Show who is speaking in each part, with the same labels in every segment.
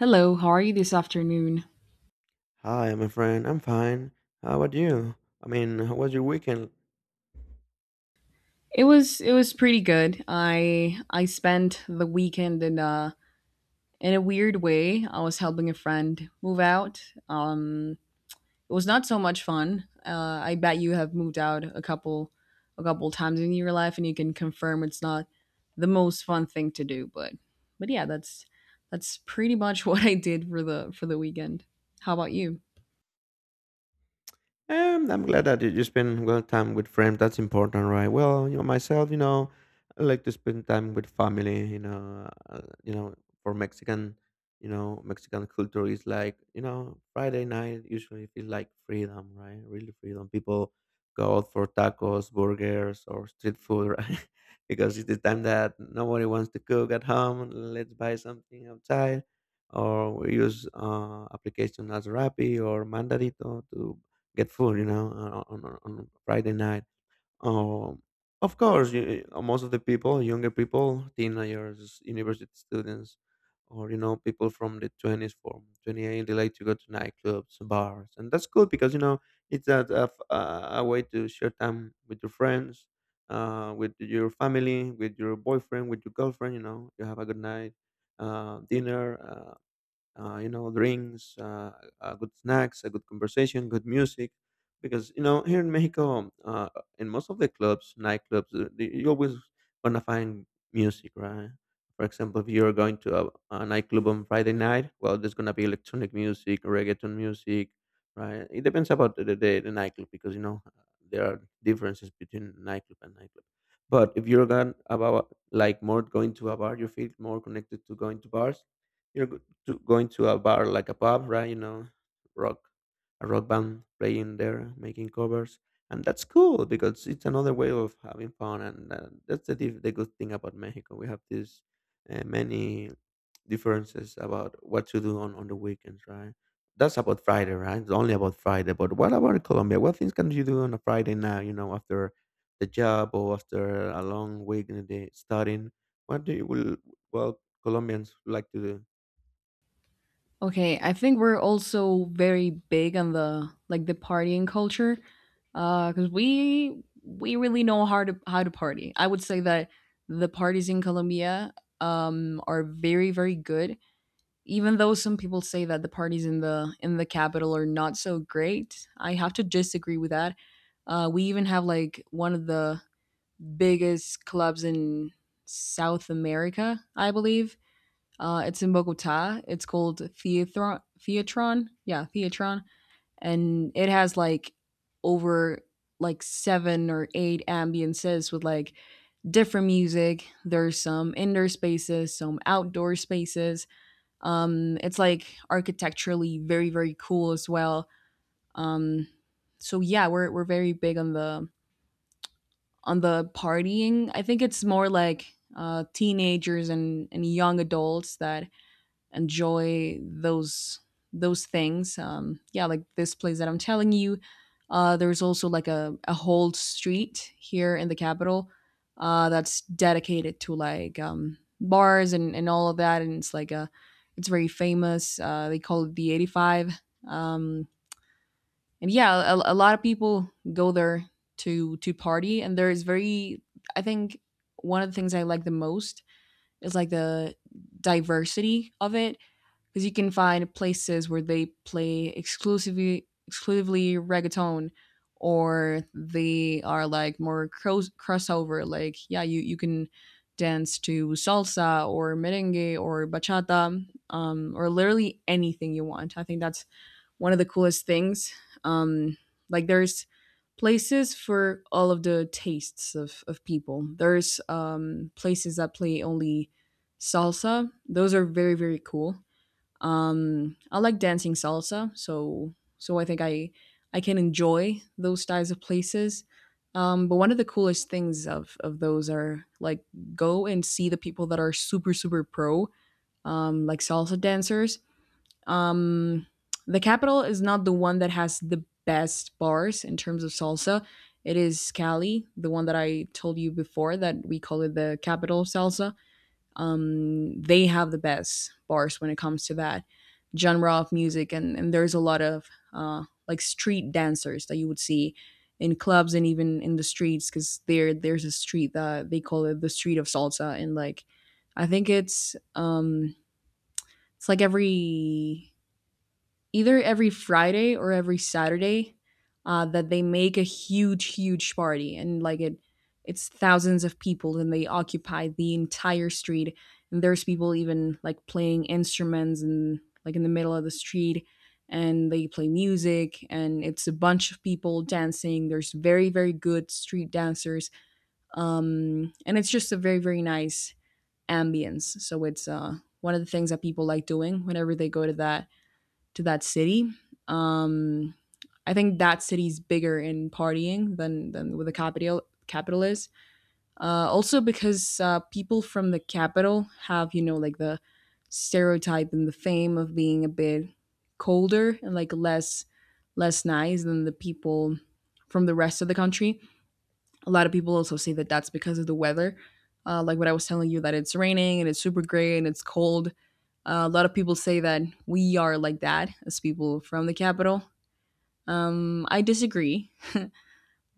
Speaker 1: Hello, how are you this afternoon?
Speaker 2: Hi, my friend. I'm fine. How about you? I mean, how was your weekend?
Speaker 1: It was pretty good. I spent the weekend in a weird way. I was helping a friend move out. It was not so much fun. I bet you have moved out a couple times in your life, and you can confirm it's not the most fun thing to do. But yeah, that's pretty much what I did for the weekend. How about you?
Speaker 2: I'm glad that you spend well time with friends. That's important, right? Well, you know, myself, you know, I like to spend time with family. You know, for Mexican, you know, Mexican culture is like you know Friday night usually feels like freedom, right? Really freedom. People go out for tacos, burgers, or street food, right? Because it's the time that nobody wants to cook at home. Let's buy something outside, or we use application as Rappi or Mandarito to get food, you know, on Friday night. Um, of course, most of the people, younger people, teenagers, university students, or you know, people from the 20s, from 28, they like to go to nightclubs, bars, and that's good because you know it's a way to share time with your friends, with your family, with your boyfriend, with your girlfriend. You know, you have a good night, dinner. You know, good snacks, a good conversation, good music. Because you know, here in Mexico, in most of the clubs, nightclubs, you always gonna find music, right? For example, if you're going to a nightclub on Friday night, well, there's gonna be electronic music, reggaeton music, right? It depends about the nightclub because you know there are differences between nightclub and nightclub. But if you're going about like more going to a bar, you feel more connected to going to bars to going to a bar like a pub, right? You know, rock, a rock band playing there, making covers, and that's cool because it's another way of having fun, and that's the good thing about Mexico. We have these many differences about what to do on the weekends, right? That's about Friday, right? It's only about Friday. But what about Colombia? What things can you do on a Friday now? You know, after the job or after a long week in the day studying, what do you will well Colombians like to do?
Speaker 1: Okay, I think we're also very big on the partying culture. Because we really know how to party. I would say that the parties in Colombia, are very, very good. Even though some people say that the parties in the capital are not so great, I have to disagree with that. We even have like one of the biggest clubs in South America, I believe. It's in Bogota. It's called Theatron. Theatron, yeah, Theatron, and it has like over like seven or eight ambiances with like different music. There's some indoor spaces, some outdoor spaces. It's like architecturally very very cool as well. Um, so yeah, we're very big on the partying. I think it's more like teenagers and young adults that enjoy those things. Yeah, like this place that I'm telling you. There's also like a whole street here in the capital that's dedicated to like bars and all of that. And it's like it's very famous. They call it the 85. Um, and yeah, a lot of people go there to party. And there is very, I think one of the things I like the most is like the diversity of it because you can find places where they play exclusively reggaeton or they are like more crossover, like yeah, you can dance to salsa or merengue or bachata, or literally anything you want. I think that's one of the coolest things. um, like there's places for all of the tastes of people. There's places that play only salsa. Those are very very cool. I like dancing salsa, so so I think I can enjoy those types of places. But one of the coolest things of those are like go and see the people that are super super pro, like salsa dancers. um the capital is not the one that has the best bars in terms of salsa. It is Cali, the one that I told you before, that we call it the capital of salsa. They have the best bars when it comes to that genre of music, and there's a lot of like street dancers that you would see in clubs and even in the streets, because there there's a street that they call it the street of salsa, and like I think it's like every either every Friday or every Saturday that they make a huge, huge party, and like it's thousands of people and they occupy the entire street. And there's people even like playing instruments and like in the middle of the street, and they play music and it's a bunch of people dancing. There's very, very good street dancers. And it's just a very, very nice ambience. So it's one of the things that people like doing whenever they go to that city. Um, I think that city's bigger in partying than where the capital is. Also because people from the capital have, you know, like the stereotype and the fame of being a bit colder and like less nice than the people from the rest of the country. A lot of people also say that that's because of the weather. Like what I was telling you, that it's raining and it's super gray and it's cold. A lot of people say that we are like that, as people from the capital. I disagree,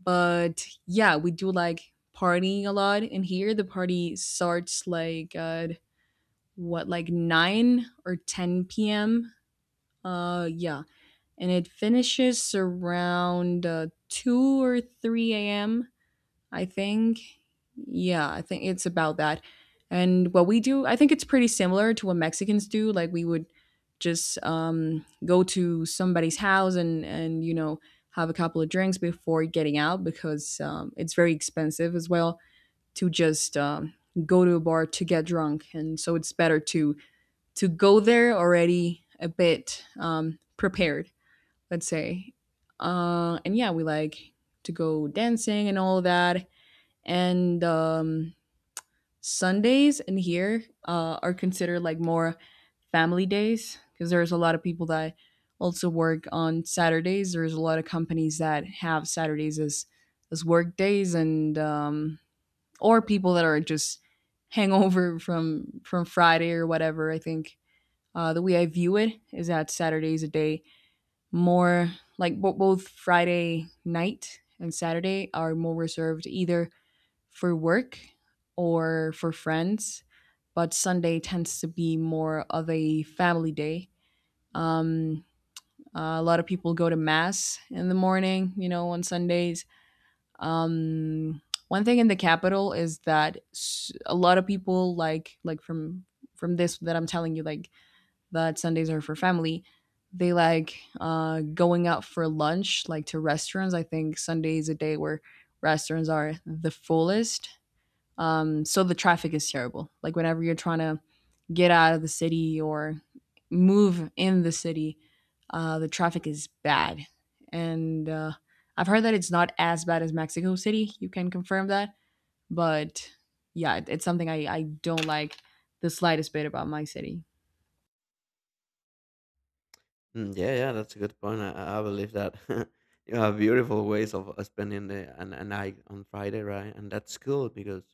Speaker 1: but yeah, we do like partying a lot. And here the party starts like at what, like 9 or 10 p.m. Yeah, and it finishes around 2 or 3 a.m. I think. Yeah, I think it's about that. And what we do, I think it's pretty similar to what Mexicans do. Like we would just go to somebody's house, and you know have a couple of drinks before getting out because it's very expensive as well to just go to a bar to get drunk. And so it's better to go there already a bit prepared, let's say. And yeah, we like to go dancing and all that. And Sundays in here are considered like more family days, because there's a lot of people that also work on Saturdays. There's a lot of companies that have Saturdays as work days, and or people that are just hangover from Friday or whatever. I think the way I view it is that Saturday's a day more like both Friday night and Saturday are more reserved either for work or for friends, but Sunday tends to be more of a family day. Um, a lot of people go to mass in the morning, you know, on Sundays. Um, One thing in the capital is that a lot of people like from this that I'm telling you, like that Sundays are for family. They like going out for lunch, like to restaurants. I think Sunday is a day where restaurants are the fullest, so the traffic is terrible. Like whenever you're trying to get out of the city or move in the city, the traffic is bad. And I've heard that it's not as bad as Mexico City. You can confirm that. But yeah, it's something I don't like the slightest bit about my city.
Speaker 2: Mm, yeah, yeah, that's a good point. I believe that. You have beautiful ways of spending a night on Friday, right? And that's cool because,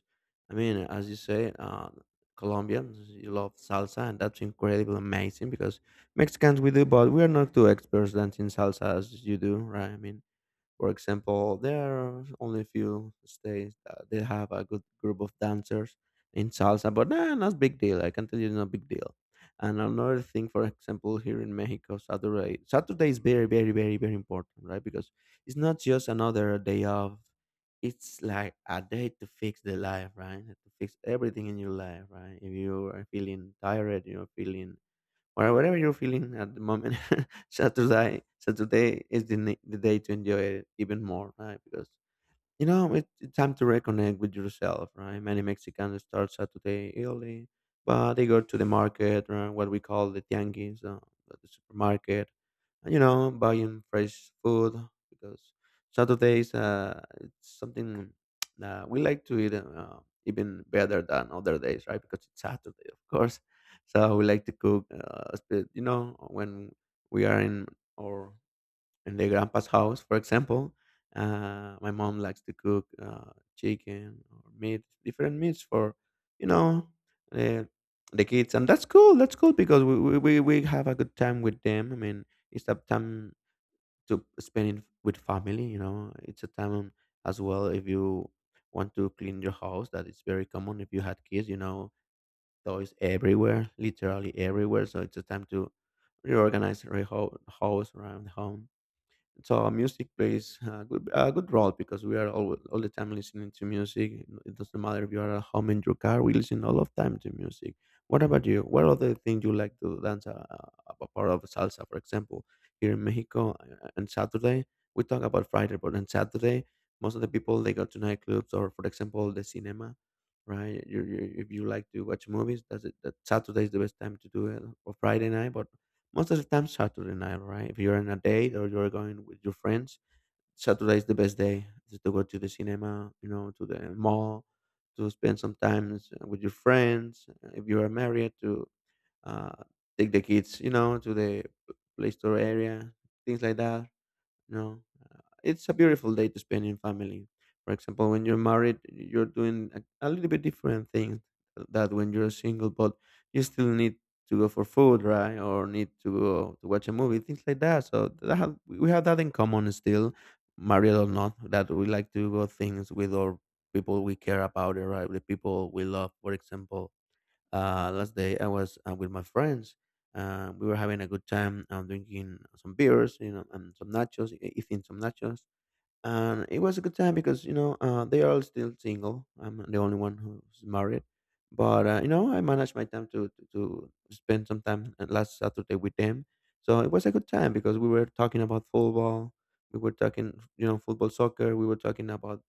Speaker 2: I mean, as you say, Colombians you love salsa, and that's incredible, amazing. Because Mexicans we do, but we are not too experts dancing salsa as you do, right? I mean, for example, there are only a few states that they have a good group of dancers in salsa, but nah, not big deal. I can tell you, it's not big deal. And another thing, for example, here in Mexico, Saturday is very, very, very, very important, right? Because it's not just another day off. It's like a day to fix the life, right? To fix everything in your life, right? If you are feeling tired, you're feeling or whatever you're feeling at the moment. Saturday is the day to enjoy it even more, right? Because you know, it's time to reconnect with yourself, right? Many Mexicans start Saturday early, but they go to the market, right? What we call the tianguis, the supermarket, and, you know, buying fresh food because Saturdays, it's something that we like to eat even better than other days, right? Because it's Saturday, of course. So we like to cook, you know, when we are in or in the grandpa's house, for example. My mom likes to cook chicken or meat, different meats for, you know, the, the kids, and that's cool. That's cool because we have a good time with them. I mean, it's a time to spend it with family. You know, it's a time as well if you want to clean your house. That is very common if you had kids. You know, toys everywhere, literally everywhere. So it's a time to reorganize your whole house around home so music plays a good role because we are all the time listening to music it doesn't matter if you are at home in your car we listen all of time to music. What about you, what other thing you like to dance a part of salsa for example here in Mexico on Saturday. We talk about Friday but on Saturday most of the people they go to nightclubs or for example the cinema, right? If you like to watch movies that's it that Saturday is the best time to do it or Friday night, but most of the time, Saturday night, right? If you're on a date or you're going with your friends, Saturday is the best day just to go to the cinema, you know, to the mall, to spend some time with your friends. If you are married, to uh, take the kids, you know, to the uh, play store area, things like that, you know. It's a beautiful day to spend in family. For example, when you're married, you're doing a little bit different things that when you're single, but you still need to go for food, right? Or need to go to watch a movie, things like that. So we have that in common still, married or not, that we like to go things with our people we care about, right? The people we love. For example, last day I was with my friends we were having a good time drinking some beers, you know, and eating some nachos and it was a good time because you know they are all still single. I'm the only one who's married, but you know I managed my time to spend some time last Saturday with them. So it was a good time because we were talking about football, we were talking you know football soccer, we were talking about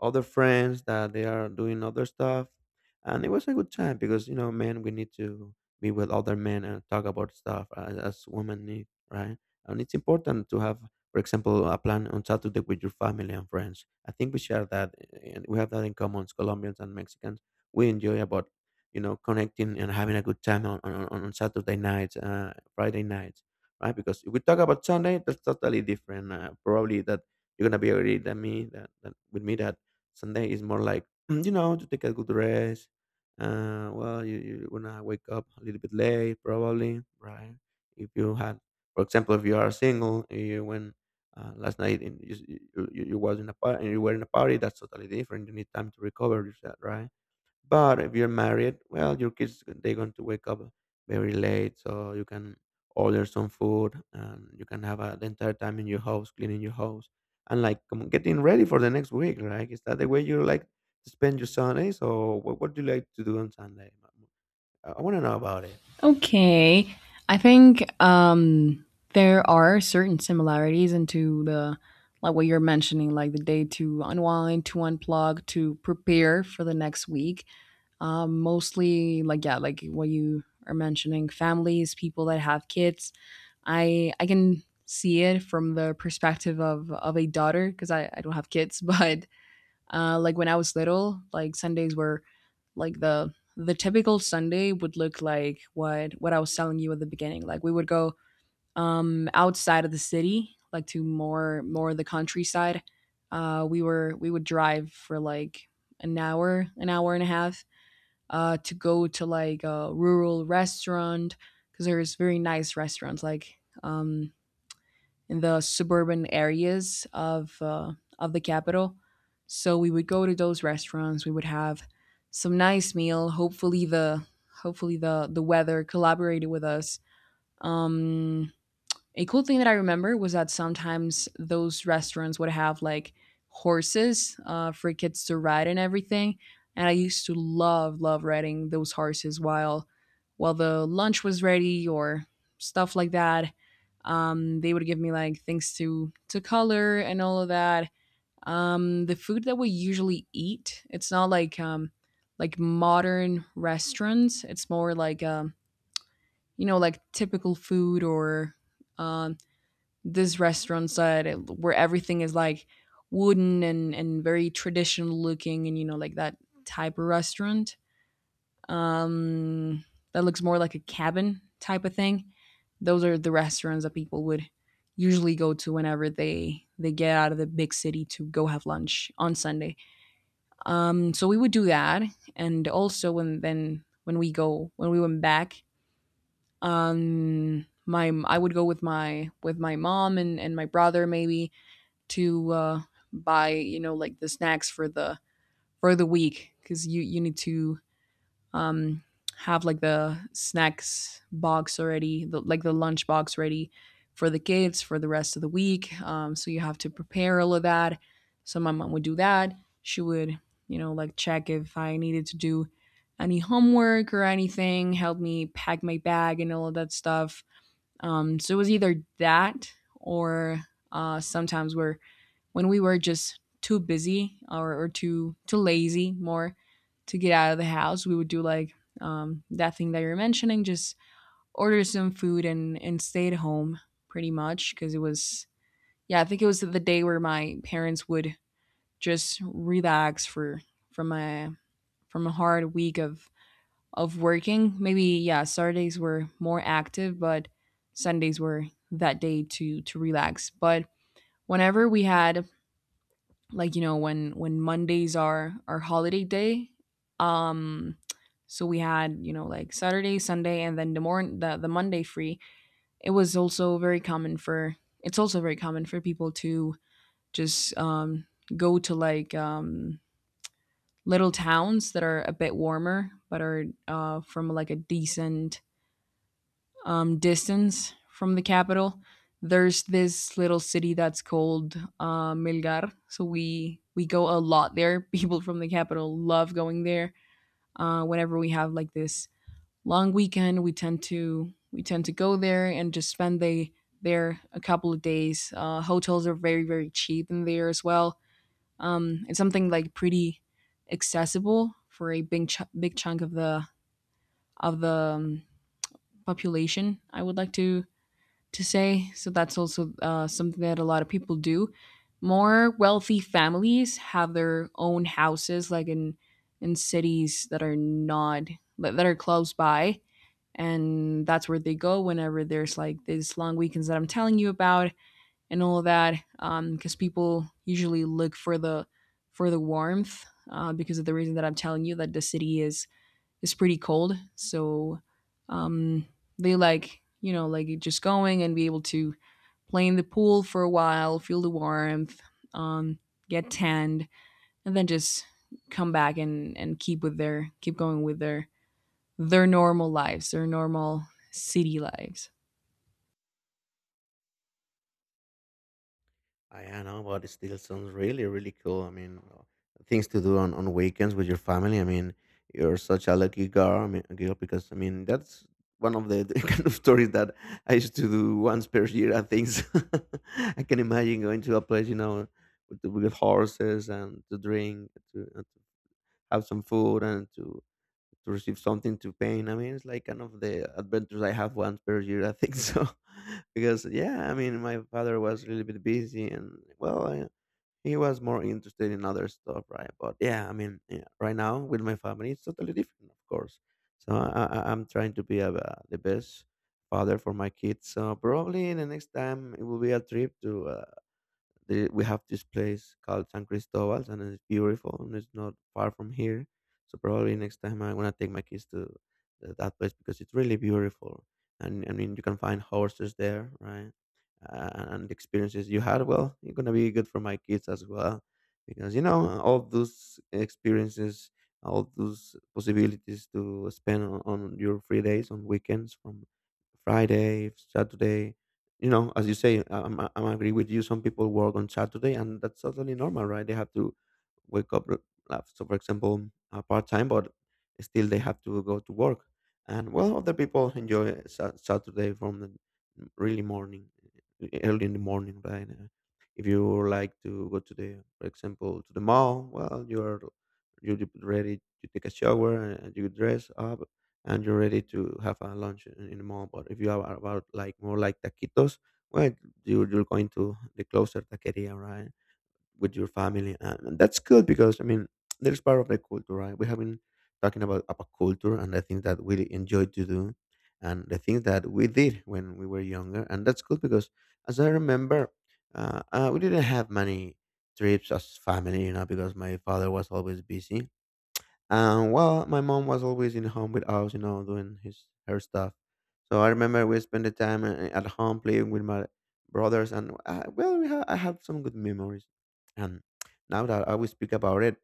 Speaker 2: other friends that they are doing other stuff, and it was a good time because you know men we need to be with other men and talk about stuff as women need, right, and it's important to have for example, a plan on Saturday with your family and friends. I think we share that, eh, and we have that in common, Colombians and Mexicans. We enjoy about, you know, connecting and having a good time on on Saturday nights, Friday nights, right? Because if we talk about Sunday, that's totally different. Probably that you're gonna be agree that me that with me that Sunday is more like you know to take a good rest. Well, you're gonna wake up a little bit late, probably, right? If you had for example, if you are single, you when last night in, you was in a party you were in a party that's totally different you need time to recover yourself, right, but if you're married well your kids they're going to wake up very late so you can order some food and you can have the entire time in your house cleaning your house and like getting ready for the next week, right? Is that the way you like to spend your Sundays or what do you like to do on Sunday? I want to know about it.
Speaker 1: Okay. I think there are certain similarities into the like what you're mentioning, like the day to unwind, to unplug, to prepare for the next week. Mostly like yeah, like what you are mentioning, families, people that have kids. I can see it from the perspective of a daughter because I don't have kids, but like when I was little, like Sundays were like the typical Sunday would look like what I was telling you at the beginning. Like we would go outside of the city, like to more of the countryside. We would drive for like an hour, an hour and a half to go to like a rural restaurant, because there's very nice restaurants like um in the suburban areas of the capital. So we would go to those restaurants. We would have some nice meal. Hopefully the hopefully the weather collaborated with us. Um, a cool thing that I remember was that sometimes those restaurants would have like horses for kids to ride and everything. And I used to love, love riding those horses while the lunch was ready or stuff like that. They would give me like things to color and all of that. The food that we usually eat, it's not like like modern restaurants. It's more like you know, like typical food or um this restaurant side where everything is like wooden and very traditional looking, and you know like that type of restaurant, um that looks more like a cabin type of thing. Those are the restaurants that people would usually go to whenever they get out of the big city to go have lunch on Sunday. So we would do that, and also when then when we go when we went back, my I would go with my mom and my brother maybe, to buy you know like the snacks for the week, because you need to um, have like the snacks box already, the, like the lunch box ready for the kids for the rest of the week. So you have to prepare all of that. So my mom would do that. She would, you know, like check if I needed to do any homework or anything, help me pack my bag and all of that stuff. So it was either that or sometimes we're when we were just too busy or too lazy more to get out of the house. We would do like that thing that you're mentioning, just order some food and stay at home pretty much, because it was, yeah, I think it was the day where my parents would just relax for, from a, from a hard week of working maybe. Yeah, Saturdays were more active, but Sundays were that day to relax. But whenever we had, when Mondays are our holiday day, um so we had, you know, like Saturday, Sunday, and then the morning, the Monday free, it was also very common for, it's also very common for people to just go to like little towns that are a bit warmer but are from like a decent distance from the capital. There's this little city that's called Melgar. So we go a lot there. People from the capital love going there. Whenever we have like this long weekend, we tend to go there and just spend there a couple of days. Hotels are very cheap in there as well. It's something like pretty accessible for a big chunk of the, of the population, I would like to say. So that's also something that a lot of people do. More wealthy families have their own houses, like in cities that are not that are close by, and that's where they go whenever there's like these long weekends that I'm telling you about and all of that. Because people usually look for the, for the warmth, because of the reason that I'm telling you, that the city is pretty cold. So, um, they like, just going and be able to play in the pool for a while, feel the warmth, um, get tanned, and then just come back and keep with their, keep going with their normal lives, their normal city lives.
Speaker 2: I know, but it still sounds really, really cool. I mean, things to do on weekends with your family. I mean, you're such a lucky girl. I mean, girl, because I mean that's one of the kind of stories that I used to do once per year. I think so. I can imagine going to a place, you know, with, with horses and to drink, and to have some food and to receive something to paint. I mean, it's like kind of the adventures I have once per year, I think so. Because yeah, I mean, my father was a little bit busy, and well, I, he was more interested in other stuff, right? But yeah, I mean, yeah, right now with my family, it's totally different, of course. So I'm trying to be the best father for my kids. So probably the next time it will be a trip to. We have this place called San Cristobal, and it's beautiful, and it's not far from here. So probably next time I am going to take my kids to that place because it's really beautiful, and I mean you can find horses there, right? And the experiences you had, well, it's gonna be good for my kids as well, because you know all those experiences, all those possibilities to spend on your free days, on weekends, from Friday, Saturday, you know, as you say, I'm agree with you. Some people work on Saturday, and that's totally normal, right? They have to wake up. So, for example, part time, but still they have to go to work. And well, other people enjoy Saturday from the really morning, early in the morning, right? If you like to go to the, for example, to the mall, well, you get ready, you take a shower, and you dress up, and you're ready to have a lunch in the mall. But if you are about like more like taquitos, well, you're going to the closer taqueria, right, with your family, and that's good because I mean there's part of the culture, right? We have been talking about culture and the things that we enjoy to do, and the things that we did when we were younger, and that's good because as I remember, we didn't have many trips as family, you know, because my father was always busy and well, my mom was always in home with us, you know, doing his her stuff. So I remember we spent the time at home playing with my brothers, and well, I have some good memories. And now that I will speak about it,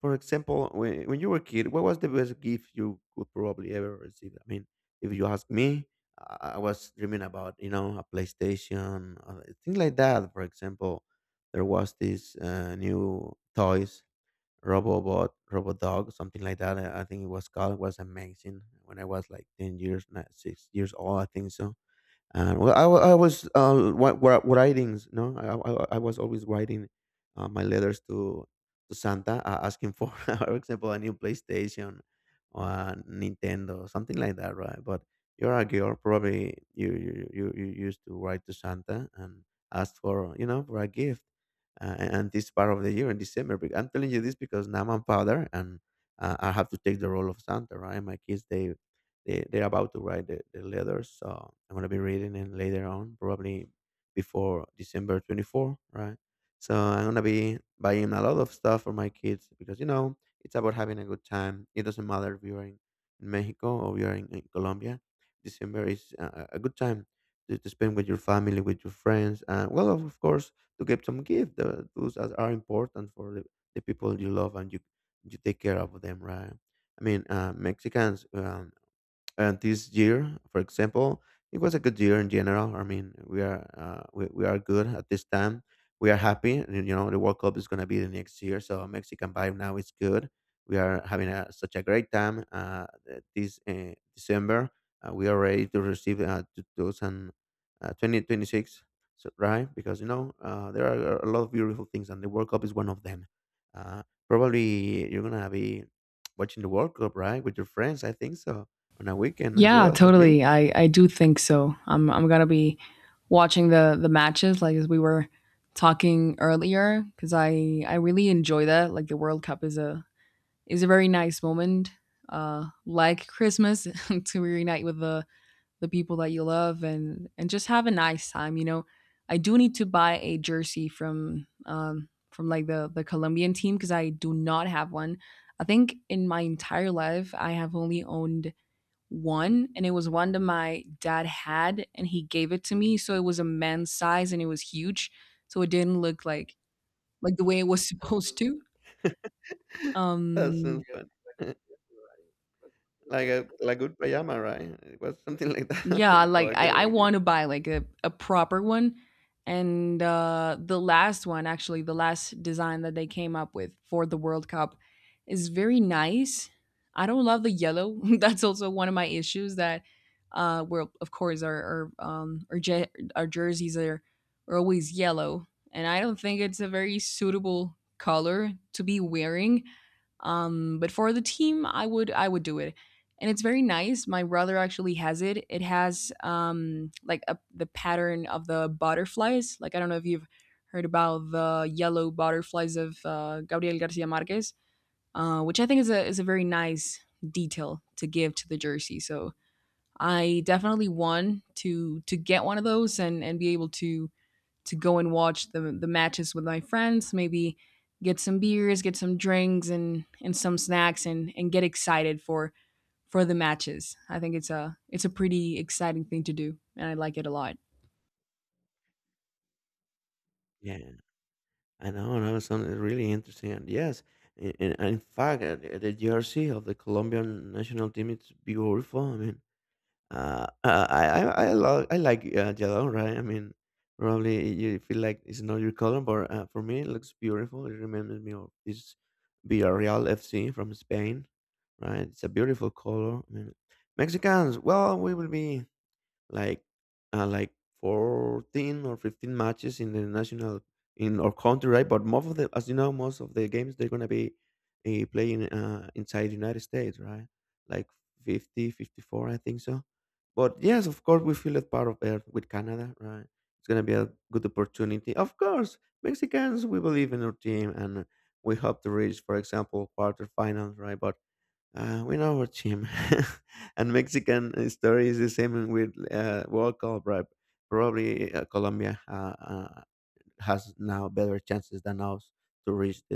Speaker 2: for example, when you were a kid, what was the best gift you could probably ever receive? I mean, if you ask me, I was dreaming about you know a PlayStation, things like that. For example, there was this new toys Robobot, Robodog, something like that. I think it was called. It was amazing when I was like 10 years, not 6 years old. I think so. And well, I, wa- I was wa- wa- writings, no, I was always writing my letters to Santa, asking for, for example, a new PlayStation or a Nintendo, something like that, right? But you're a girl, probably you used to write to Santa and ask for you know for a gift, and this part of the year in December. I'm telling you this because now I'm father and I have to take the role of Santa, right? My kids they're about to write the letters. So I'm going to be reading it later on, probably before December 24, right? So I'm going to be buying a lot of stuff for my kids because, you know, it's about having a good time. It doesn't matter if you're in, Mexico or you're in Colombia. December is a good time to spend with your family, with your friends. And, well, of course, to get some gifts. Those are important for the people you love and you take care of them, right? I mean, Mexicans, and this year, for example, it was a good year in general. I mean, we are good at this time. We are happy. You know, the World Cup is going to be the next year, so Mexican vibe now is good. We are having a, such a great time this December. We are ready to receive 2000, 2026, so, right? Because you know there are a lot of beautiful things, and the World Cup is one of them. Uh, Probably you're gonna be watching the World Cup, right, with your friends. I think so, on a weekend as
Speaker 1: Yeah,
Speaker 2: well as me?
Speaker 1: totally. I do think so. I'm gonna be watching the matches, like as we were talking earlier, because I really enjoy that. Like the World Cup is a, is a very nice moment, like Christmas, to reunite with the people that you love, and just have a nice time, you know. I do need to buy a jersey from, from like the Colombian team, because I do not have one. I think in my entire life I have only owned one, and it was one that my dad had and he gave it to me, so it was a man's size and it was huge, so it didn't look like the way it was supposed to.
Speaker 2: That
Speaker 1: um
Speaker 2: sounds fun. Like a like good pajama, right? It was something like that for
Speaker 1: Yeah,
Speaker 2: you, for
Speaker 1: like
Speaker 2: a girl
Speaker 1: I
Speaker 2: like
Speaker 1: want
Speaker 2: you.
Speaker 1: to buy like a proper one. And the last one, actually, the last design that they came up with for the World Cup is very nice. I don't love the yellow. That's also one of my issues, that, well, of course, our jerseys are always yellow. And I don't think it's a very suitable color to be wearing. But for the team, I would do it, and it's very nice. My brother actually has it. It has, like a, the pattern of the butterflies. Like, I don't know if you've heard about the yellow butterflies of Gabriel Garcia Marquez, which I think is a, is a very nice detail to give to the jersey. So I definitely want to get one of those and be able to go and watch the matches with my friends. Maybe get some beers, get some drinks, and some snacks, and get excited for the matches. I think it's a, it's a pretty exciting thing to do, and I like it a lot.
Speaker 2: Yeah, I know. No, something really interesting. And yes, in fact, the jersey of the Colombian national team it's beautiful. I mean, Uh, uh, I I I like yellow, right? I mean, probably you feel like it's not your color, but for me it looks beautiful. It reminds me of this Villarreal FC from Spain, right? It's a beautiful color. I mean, Mexicans, well, we will be like uh, like 14 or 15 matches in the national in our country, right? But most of the, as you know, most of the games, they're going to be playing inside the United States, right? Like 50, 54, I think so. But yes, of course we feel that part of earth with Canada, right? It's going to be a good opportunity. Of course, Mexicans, we believe in our team, and we hope to reach, for example, quarterfinals, right? But we know what Jim. And Mexican story is the same with world cup, right? Probably Colombia. Has now better chances than us to reach the,